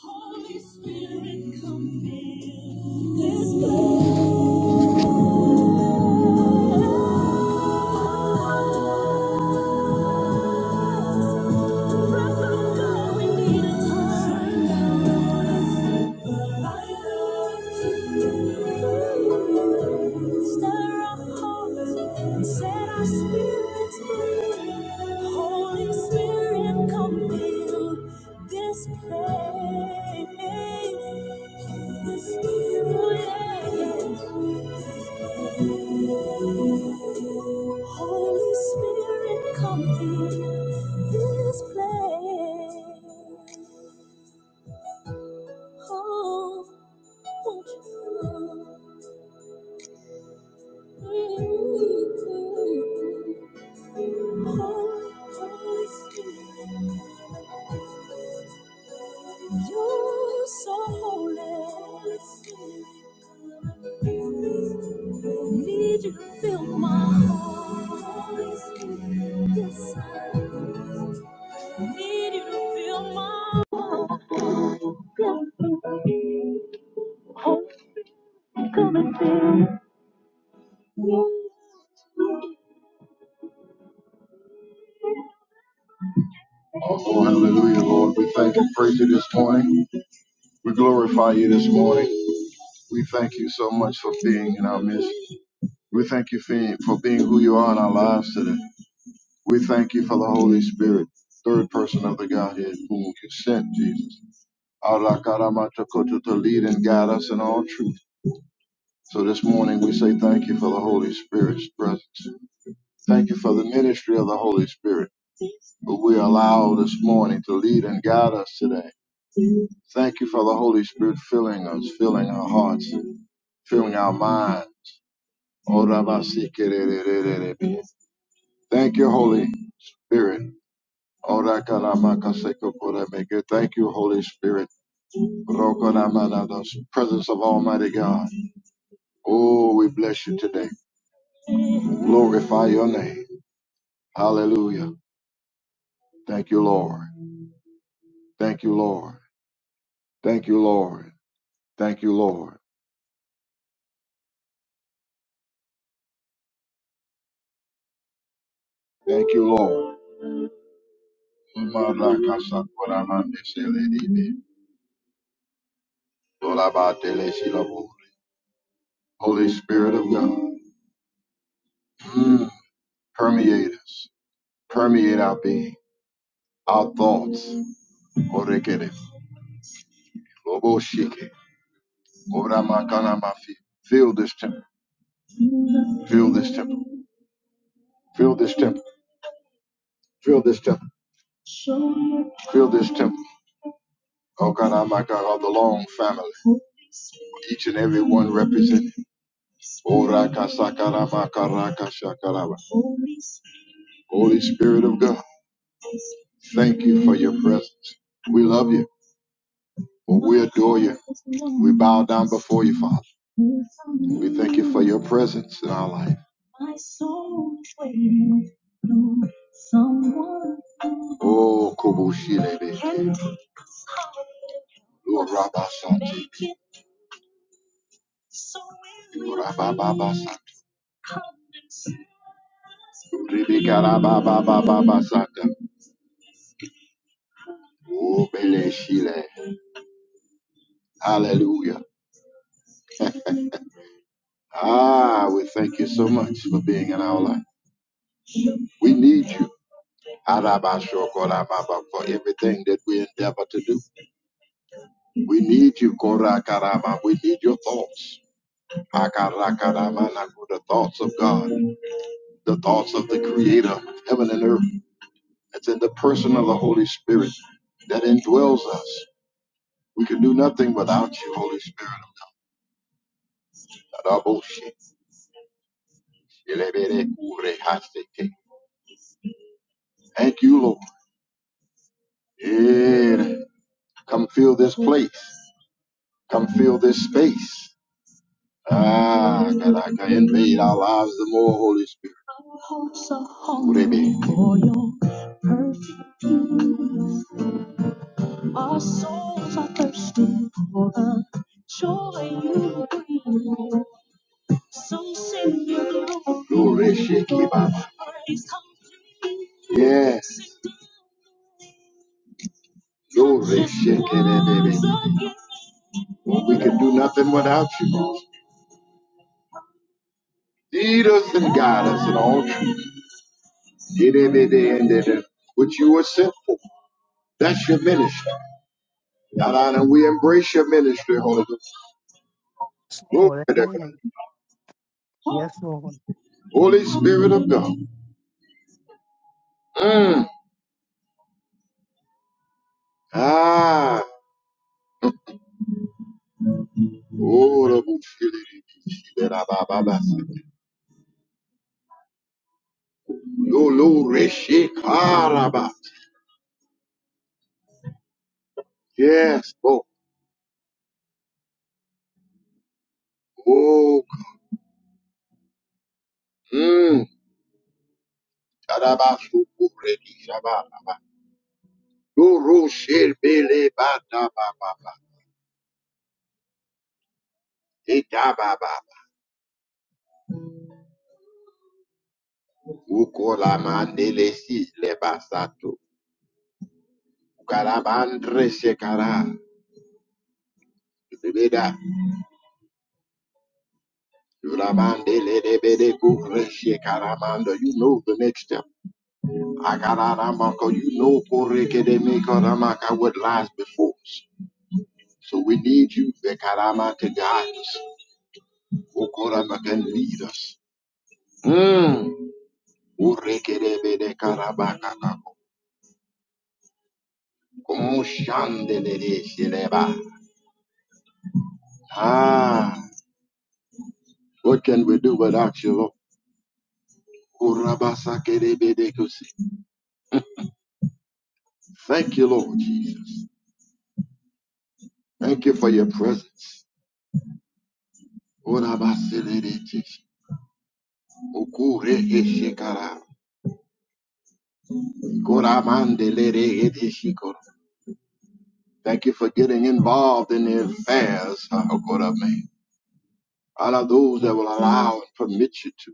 Holy Spirit, come fill this place. This place, this place. Holy Spirit, come fill this place. Oh, won't you come? Holy, Holy Spirit, you are so holy. Holy Spirit, need you to fill my heart. Holy Spirit, yes, I need you to fill my heart. Come and fill me. Oh, hallelujah, Lord. We thank and praise you this morning. We glorify you this morning. We thank you so much for being in our midst. We thank you for for being who you are in our lives today. We thank you for the Holy Spirit, third person of the Godhead, whom you sent, Jesus, Arakaramatoko, to lead and guide us in all truth. So this morning we say thank you for the Holy Spirit's presence. Thank you for the ministry of the Holy Spirit, but we allow this morning to lead and guide us today. Thank you for the Holy Spirit filling us, filling our hearts, filling our minds Orabasikererererebe. Thank you, Holy Spirit. Orakalamakasekoporameke. Thank you, Holy Spirit. Rokoramanados. Presence of Almighty God. Oh, we bless you today. Glorify your name. Hallelujah. Thank you, Lord. Thank you, Lord. Thank you, Lord. Thank you, Lord. Thank you, Lord. Umarakasakoramandeseledibe. Olabatelesilobo. Holy Spirit of God. Mm. Permeate us. permeate our being, our thoughts. Orekere, lobo shike, Ora makana mafi. Fill this temple, fill this temple, fill this temple, fill this temple, fill this temple. Oh God, i my God, of the long family, each and every one represented. Oraka sakara makaraka shakaraba. Holy Spirit of God, thank you for your presence. We love you. Well, we adore you. We bow down before you, Father. We thank you for your presence in our life. Oh, Kobushilebe. Lord Rabba Santi. Oh, Rabba Baba Santi. Ribikarababababasata. Obeleshile. Hallelujah. Ah, we thank you so much for being in our life. We need you. Arabasho korababa, For everything that we endeavor to do, we need you. Korakaraba. We need your thoughts. Akarakaramanako, The thoughts of God, the thoughts of the Creator of heaven and earth. It's in the person of the Holy Spirit that indwells us. We can do nothing without you, Holy Spirit. Araboshe, eleberekure hasete. Thank you, Lord. Yeah. Come fill this place. Come fill this space. Ah, God, I invade our lives the more Holy Spirit. Our hopes are hung For your perfect peace. Our souls are thirsting for the joy you bring. So send your glory. Glory, Sheki Baba. Yes. Glory, Sheki Baba. Well, we can do nothing without you. Lead us and guide us in all truth. Get every day and then what you were sent for. That's your ministry. God, honor, we embrace your ministry, Holy Ghost. Yes, Glory Lord. to God. Amen. Yes, Lord. Holy Spirit of God. Mm. Ah. Oh, the bullshit. Yes, oh, oh, mm. Tadabasu, kuredi, shababa. Doro, sherbele, ba, da, ba, ba, Ukola mandele si le basato. Ukarabandre shekara. Zubeda. Urabandele de bede kure shekaramando. You know the next step. Akararamako. You know koreke de mekaramaka what lies before us. So we need you, Vekarama, to guide us. Ukorama can lead us. Mm. Ureke de bede karabaka kako. Kumushandele de shileba. Ah. What can we do without you, Lord? Urabasakerebedekusi. Thank you, Lord Jesus. Thank you for your presence. Urabasererechishi. Ukureheshikara. Kuramandelereheshikoro. Thank you for getting involved in the affairs uh, of God of man. All of those that will allow and permit you to.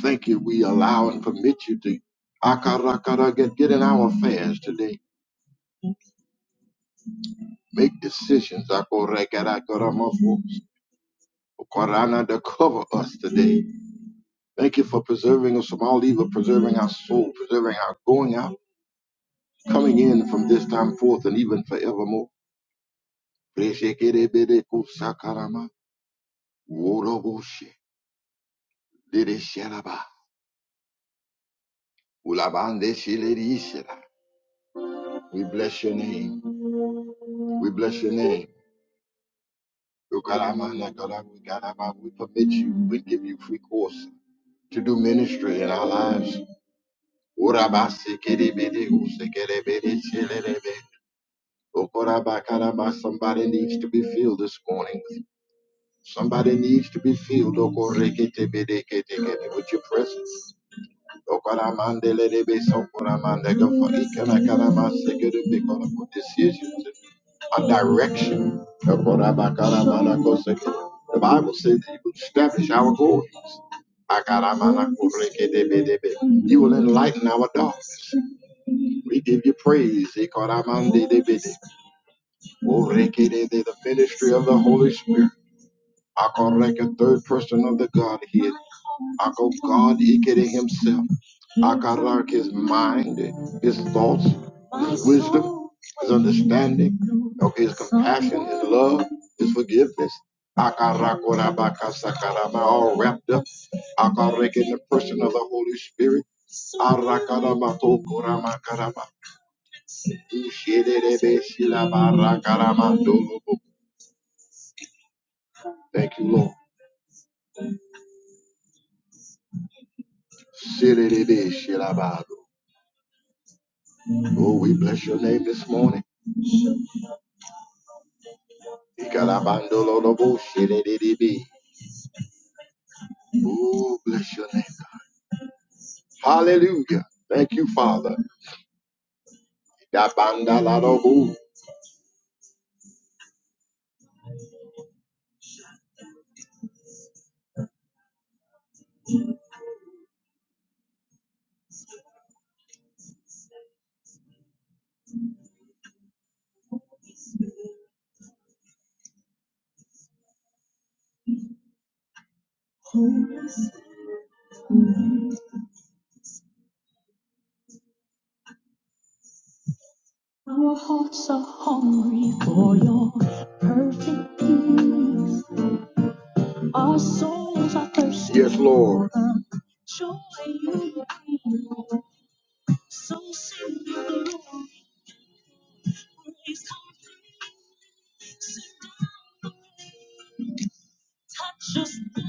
Thank you. We allow and permit you to. Akarakara, Get, get in our affairs today. Make decisions. Akorekerakaramofu. Korana to cover us today. Thank you for preserving us from all evil, preserving our soul, preserving our going out, coming in from this time forth and even forevermore. Preshekereberekusakarama, woroboshe, deresheraba, ulabandeshelerisera. We bless your name. We bless your name. Ukaramanakara, We karaba, we permit you. We give you free course to do ministry in our lives. Urabasekereberekusekereberesherebe. Okorabakaraba, Somebody needs to be filled this morning. Somebody needs to be filled Okoreketebedeketekete, with your presence. Okoramandelelebe, Sokoramandekaforikanakaramasekerebe, For ikanakarabasekedebe, for decisions and direction. Okorabakarabanakosekere. The Bible says that you will establish our goals. Akaramanakorekedebedebe. You will enlighten our darkness. We give you praise. Ikoramandedebede. Orekere, The ministry of the Holy Spirit. Akareke, third person of the Godhead. Ako God Ikere himself. Akarak his mind, his thoughts, his wisdom, his understanding, his compassion, his love, his forgiveness. Akarakorabakasakaraba, all wrapped up. Akarek in the person of the Holy Spirit. Arakarabato korabakaraba. Ushederebe shilabarakaramandolo. Thank you, Lord. Siriribi shirabado. Oh, we bless your name this morning. Ikarabandolobo shiriribi. Oh, bless your name. Hallelujah. Thank you, Father. Dabandalalobo. Our hearts are hungry for your perfect peace. Our souls are thirsty. Yes, Lord. for the Joy you bring. So send your glory, praise, complete, such a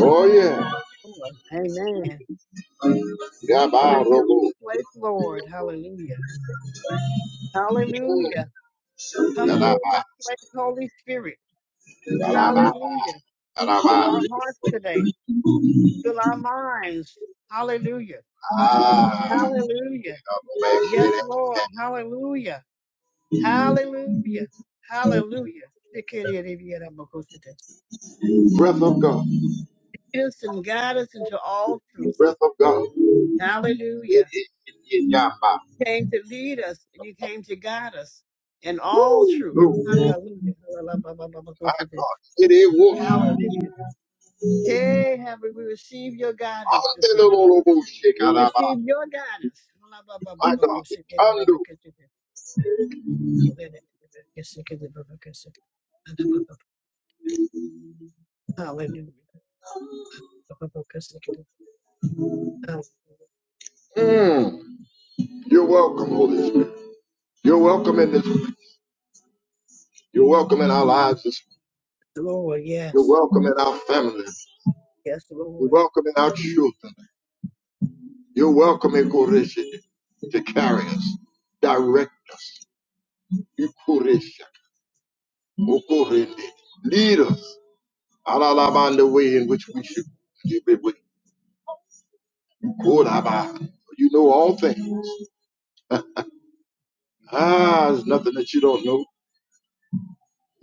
Oh yeah. Lord. Amen. Come Gaba and fill this robo. place, Lord. Hallelujah. Hallelujah. Come fill Galaba. this place, Holy Spirit. Galaba. Hallelujah. Fill Galaba. our hearts today. Fill our minds. Hallelujah. Ah. Hallelujah. Yes, Lord. Hallelujah. Hallelujah. Hallelujah. Breath of God. Instant guide us into all truth. Breath of God. Hallelujah. It is in Yamba. came to lead us and you came to guide us in all truth. Oh, Hallelujah. my God. It is whoosh. Hallelujah. Hey, have we received your guidance this morning? We receive your guidance. My God. Kando. Hallelujah. Mm. You're welcome, Holy Spirit. You're welcome in this. You're welcome in our lives. this- Lord, You're yes. welcome in our families. Yes, You're Lord. welcome in our children. You're welcome, Ekoresha, to carry us, direct us, Ekoresha, Okorende, lead us, Alalaba, in the way in which we should be. with Koraba. You know all things. Ah, there's nothing that you don't know.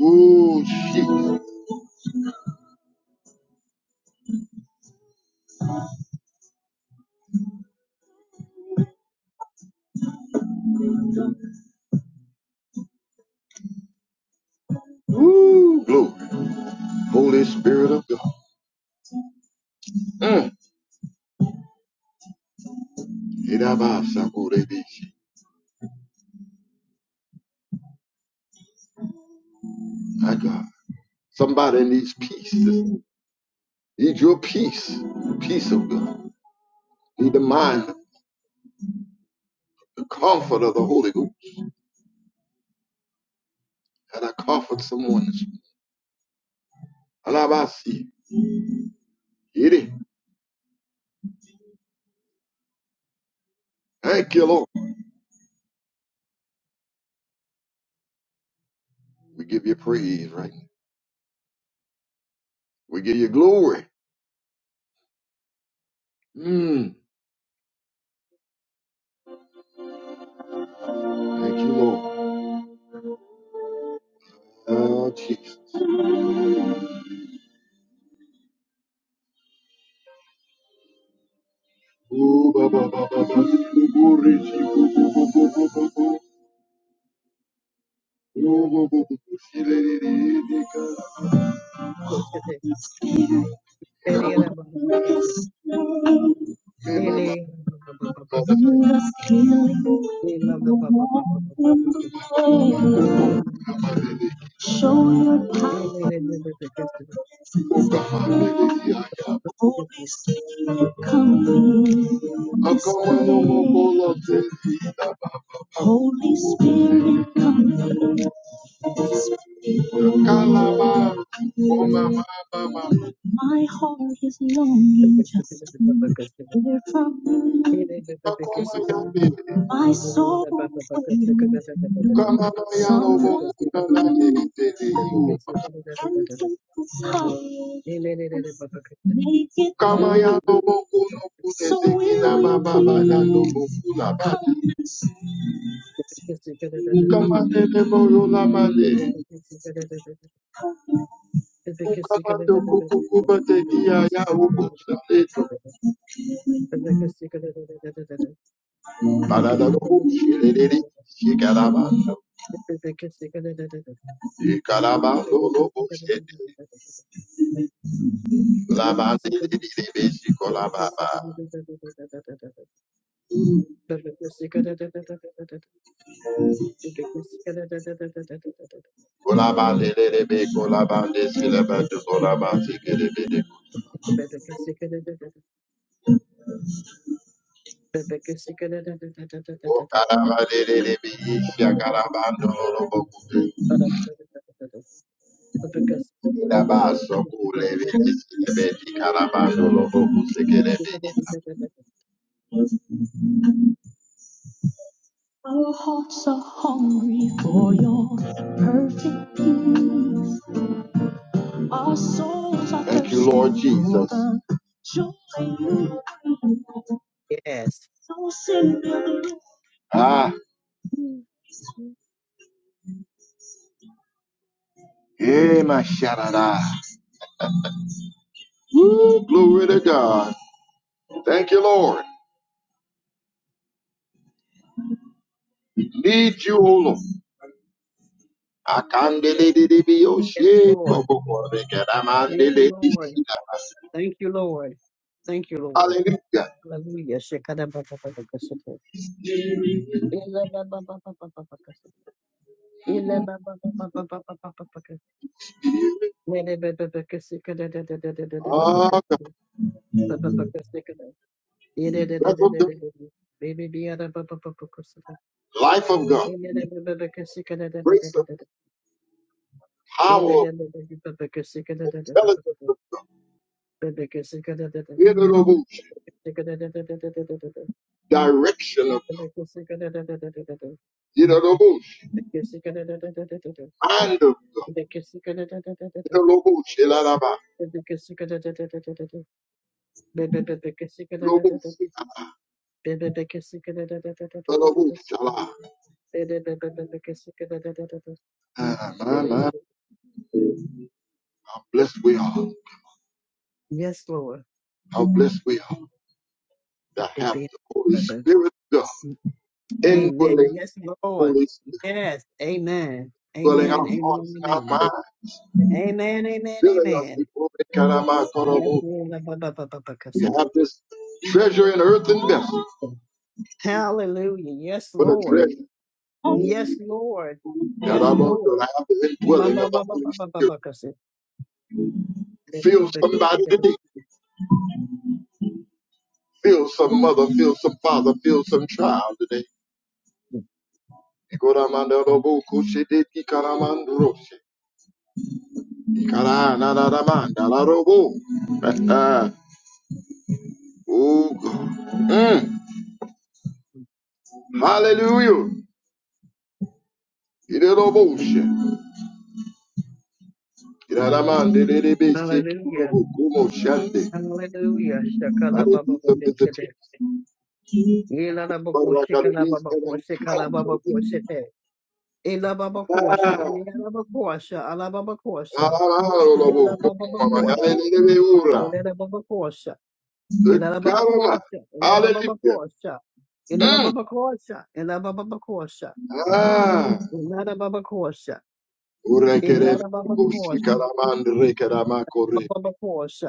Ooh, Jesus. Ooh, glory. Holy Spirit of God. Mm. Iraba Sakorebishi. My God. Somebody needs peace. Need your peace. Peace of God. Need the mind. the comfort of the Holy Ghost. And I comfort someone. this morning. Alabasi. Get it. Thank you, Lord. We give you praise right now. We give you glory. Mm. Thank you, Lord. Oh, Jesus. Ooh, ba, ba, ba, ba, ba. Ooh, Richie. Ooh, boo, boo, boo, boo, boo, boo. Ooh, boo, boo, boo, boo. She let it in, nigga. Me, my, Amen. my, my. Show your power. and presence. Holy Spirit, come in. I'm going Holy Spirit, come fill this place. My heart is longing just to hear from you. My soul is waiting for you. Someone can take this heart and make it So we invite come and sing. Ukamande neboro lamande. Ukamando kukukubate diaya ubusaleto. Yes. Parada lobo shiriri. Shikarabando. Shikarabando lobo shete. Labande lirebe shikolababa. Kolabande lirebe kolabande silabando kolabande kirebe. Ukarabande lirebe shikarabando lobo kute. Labaso kulebe silebe shikarabando lobo kusekerebe. Our hearts are hungry for your perfect peace. Our souls are Thank you, Lord thirsty for Jesus. the joy you bring. So send your glory. Ah, eh, my sharada. Glory to God. Thank you, Lord. Need you, O Lord. Yes, Akandelelelebiyoshe, Lord. Thank you, Lord. kobokorekedamandelelishida. Thank you, Lord. Thank you, Lord. Hallelujah. Hallelujah. Shekadababababakasaka. Ilabababababakasaka. Ilababababababakasaka. Oh, God. Nedebebebekasikadadadadadadadadabakasaka. Bababakasakada. Breath of God. Idadadadadadadadada. Bibibiyadababababakasaka. Life of God. Grace of Ilababababakasikadadadadadadada. power. Tell us the Ilababababakasikadadadadadadada. truth. Babakasikadadadadada. Direction of God. Babakasikadadadadadadadada. Hear the Babakasikadadadadadadada. Mind of God. Yes, Hear the Lord. Elalaba. Ah, my, my. How blessed we are. Lord. How blessed we are to have Amen. the Holy Spirit of God. Indwelling Yes, Lord. Holy Spirit. Yes. Amen. Dwelling our Amen. Amen. hearts and Amen. our minds. Amen. Amen. Filling us with Amen. glory. Karama, Yes, Korobo. We have Lord. this treasure in earthen vessels, Hallelujah. Yes, but a Lord. treasure Yes, Lord. that Yes, I want to Lord. have the indwelling Hallelujah. of the Holy Spirit. Feel somebody today. Feel some mother. Feel some father. Feel some child today. Ikoramanda robo kushide ikaramandroshe. Ikara na na na manda la robo. Oh God. Mm. Hallelujah. Ide robo she. Iraramande de de be she kurobo kumo shande. Hallelujah. Shakala Mare Baba bizo bizo tu. Shite. Yela Boko Shikala Barakalemis Baba and Shikala encounter Baba with you. Shite. Ela Baba Kosha. Ah. Ela Baba Kosha. Ah, ah, ah, Ala robo kumo Baba mama. Yale Kosha. de de be ura. Ela Baba Kosha. Ela Baba Kosha. Good Ela God Baba Almighty. Kosha. Ela Hallelujah. Baba Kosha. Ela Mm. Baba Kosha. Ela Baba Kosha. Ah. Ela Baba Kosha. Ela Urekereme Baba Kosha. kushikaramande rekeramakore. Baba Kosha.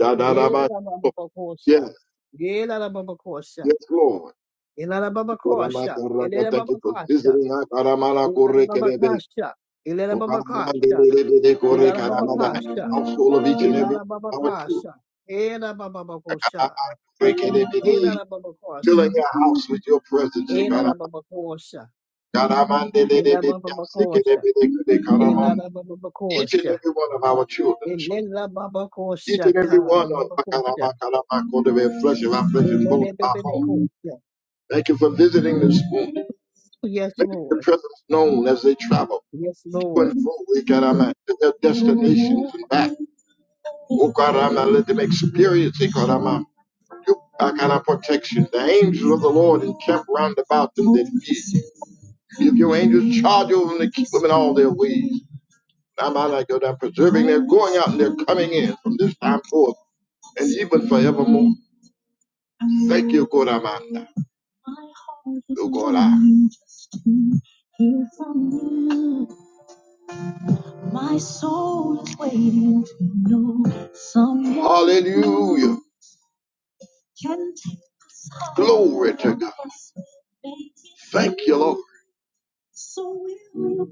Dadaraba- Yes, Elababakosha. Elababakosha. yes, Lord. Elababakosha. Uramandaraga, Thank you for Elababakosha. visiting us. Aramala korekerebe. Elababakosha. Elababakosha. Ukaramandelelebede korekaramada. Elababakosha. Household of Elababakosha. each and every one of our children. Elababakosha. Aramala korekerebede. Filling Elababakosha. our house with your presence. Ekaram- Elababakosha. Karamandelelebede. Elababakosha. Sekerebede. Karamon. Each and Elababakosha. every one of our children Each Elababakosha. and every one of Tarababakosha. the flesh of our flesh and bone of our bone. Elababakosha. Thank you for visiting this school, Yes, Make your Lord. presence known as they travel Yes, to Lord. and fro Jesus. Ikarama, to their destinations and back. Oh, Karama, let them experience Ikarama, you are kind of protection. The angels of the Lord encamp round about them that fear you. Give your angels charge over them to keep them in all their ways. Now, my God, I'm preserving their going out and their coming in from this time forth and even forevermore. Thank you, God Amanda. Oh God, ah. Hear from you. My soul is waiting to know someone Hallelujah. can take us home. Glory to God. Thank you, Lord. So will you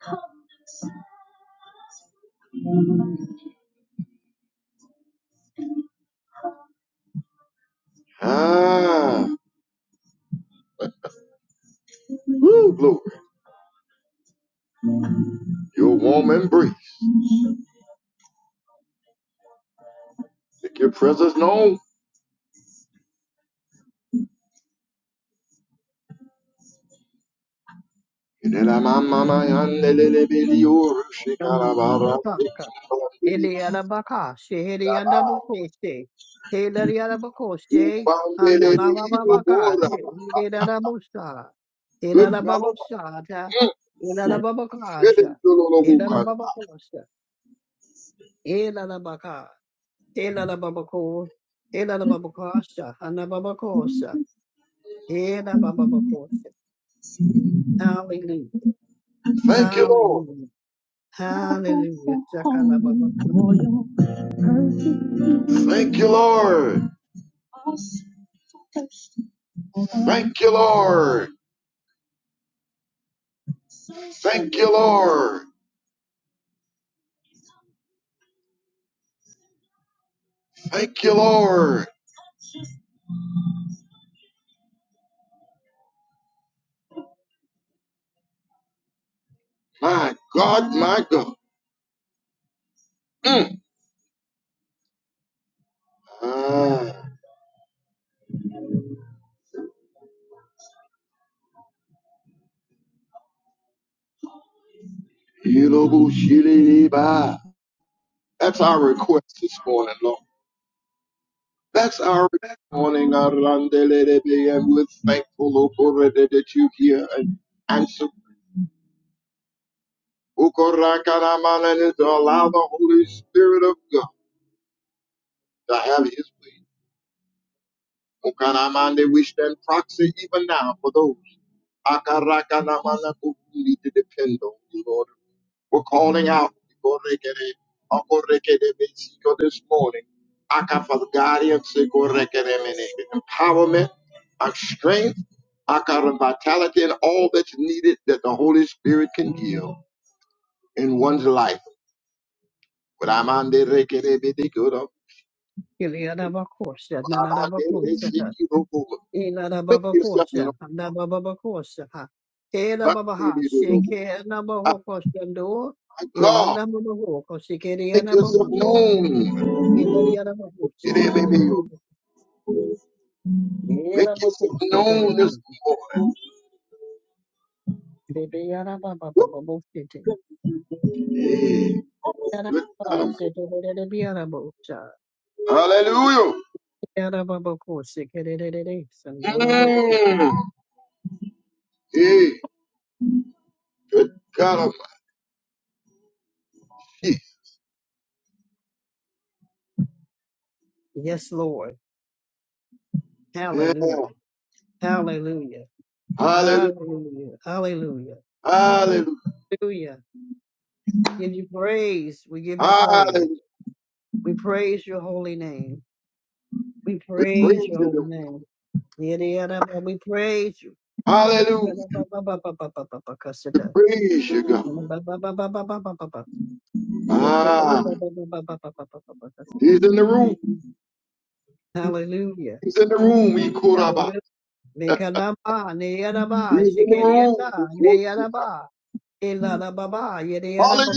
come Ah, woo, glory. Your warm embrace. Make your presence known. Inela mama mama yandelele biliyor şikara barra Eliarabaka, Sheheriandabakoshe, Helariarabakoshe, Umbambelele ilu Analababaka, bora. Sheheriarabusa, Good God. Elarababosata, Mm. Şere Elarababakasha, dololo bu kadar. Elarababakosha, Elarabaka, Elarababako, Elarababakasha, Anababakosha, Elarababakosha. Hallelujah, Thank you Lord. hallelujah, hallelujah, Shakalababaka. Thank you Lord. Thank you Lord. Thank you Lord. Thank you Lord. My God, my God. Mm. Ah. Ilobushiliba. That's our request this morning, Lord. That's our request this morning, Arandelebe, and we're thankful, O God, that you hear and answer. Ukorakanaman, And to allow the Holy Spirit of God to have his way. Ukanamande, We stand proxy even now for those Akarakanamana, who need to depend on you, Lord. We're calling out Ikorekere, Okorekere Besiko this morning. Aka for the guidance, Ikorekere Mene, empowerment, our strength, Aka the vitality, and all that's needed that the Holy Spirit can give in one's life. But I'm on the Rekere Bedikuro, Iliadabakosha, but I'm on the Nanadabakosha, Resikiro. Make yourself Iladababakosha, known. Nabababakosha, But Elababaha, Sheke, my Nabahokosha, Do, God, Ilanababahoko, Shikeria make yourself Nabahosha, known. Iladiadabahosha, Make yourself Ilabakosha, known this Kedidiadi, Bibiadabababababosha, morning. Good God Almighty. Yadababosha, Hallelujah. Mm. Hey, good God Almighty. Yes, Lord. Yeah. Hallelujah. Hallelujah. Hallelujah. Hallelujah. Hallelujah. Hallelujah. Hallelujah. Give you praise. We give you Hallelujah. praise. We praise your holy name. We We praise praise your you. holy Lord. name. Yada, yada, ba- We praise you. Hallelujah. We Akadabababababababakasada. praise you, God. ba ba- ba- ba- ba- ba- ba- ba- kasada. Ana, ba- ba- ba- ba- ba- ba- ba- ba- ba. Yes, Ah, akadabababababababakasada. he's in the room. Hallelujah. He's in the room. We quote about. Hallelujah. Mekanaba, neyadaba, He's in the room. shikelienda, We quote you, neyadaba, ba shikeli yada, ne yada God. ba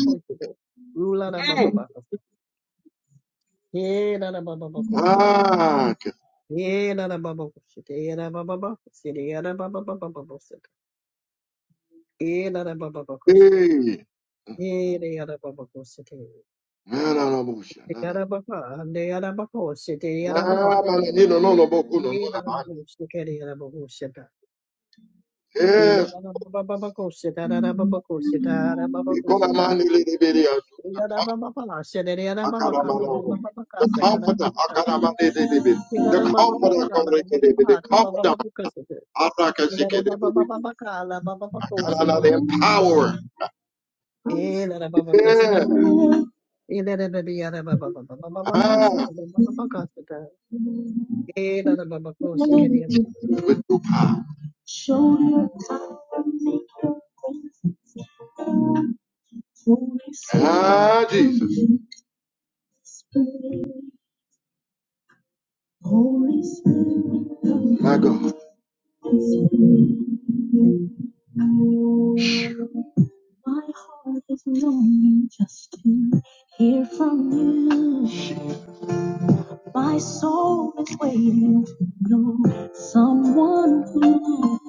Hallelujah. Ruladabababakasada. Ah, God. Yeah, na na ba ba ko Yeah, na ba ba ba ko Yeah, na ba ba ba ba ba Yeah, na na ba ba ba ko Hey. Yeah, na ya na ba ba ko shit. No, no, no, Busha, no, Yeah, no. na ba ba. Na ya na ba ko shit. Yeah, na ba ba. Ah, man, you know, no, no, Boku, no, no, Yeah, na na ba no, ko shit. Yeah, na ba ko shit. Yeah, man. na na ba ba ba ko Yeah, na na ba ba ko Yeah, na ba ba The ko shit. Yeah, na ba ba ba la Yeah, na ba ka. Yeah, na ba ba ba ka Yeah, na ba comforter, ba ka. Yeah, na the ba ba comforter, la la ba the Yeah, na ba ba comforter, ba ko shit. Yeah, na ba ba Arakashikelebe. ka la ba ba Akarala, the empowerer. Yes. Yeah. Ah. With Ah, Jesus. My God. My heart is longing just to hear from you. My soul is waiting to know someone who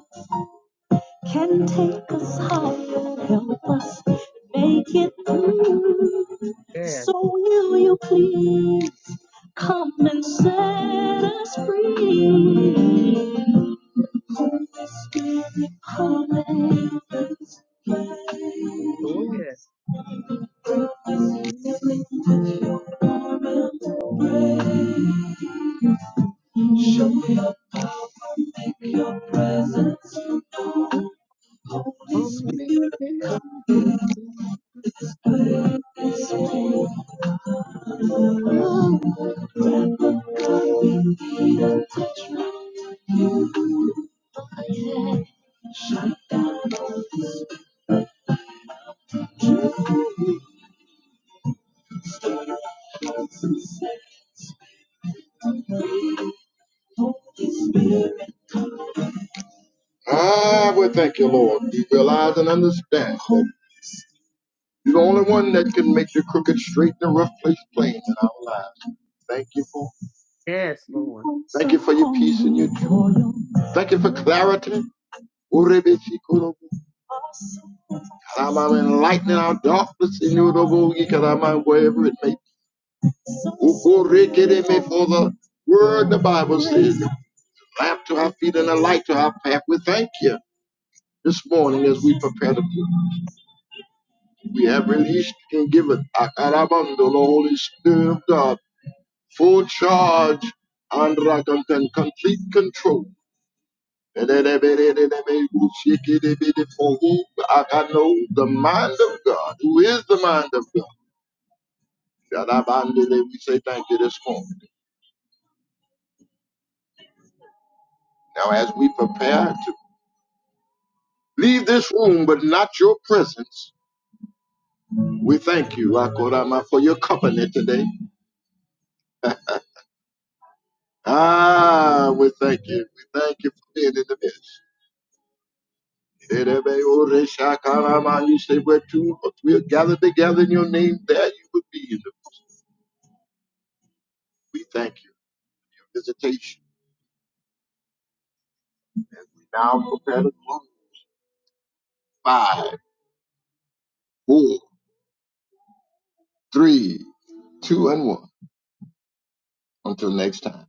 can take us higher, help us make it through. So will you please come and set us free? Holy Spirit, come and fill us Oh, again. yes. Fill us daily Mhm. with your warm embrace. Show up and make your presence known. Holy Holy Spirit Spirit, come is down. come. Ah, we thank you, Lord. We realize and understand that you're the only one that can make the crooked straight and the rough place plain in our lives. Thank you for Yes, Lord. Thank you for your peace and your joy. Thank you for clarity. Urebeshikorobo. Karama, Enlighten our darkness in you, Robo, Yikarama, wherever it may be. Ukorekereme, For the word the Bible says, lamp to our feet and a light to our path. We thank you this morning as we prepare to pray. we have released and given Akarabando, the Holy Spirit of God full charge and complete control. For whom I I know the mind of God, who is the mind of God. God, I bind it, we say thank you this morning. Now, as we prepare to leave this room, but not your presence, we thank you, Akorama, for your company today. Ah, we thank you. We thank you for being in the midst. Erebe You say we're two or three are gathered together in your name, there you would be. We thank you. for Your visitation. We now prepare to close. Five, four, three, two, and one. Until next time.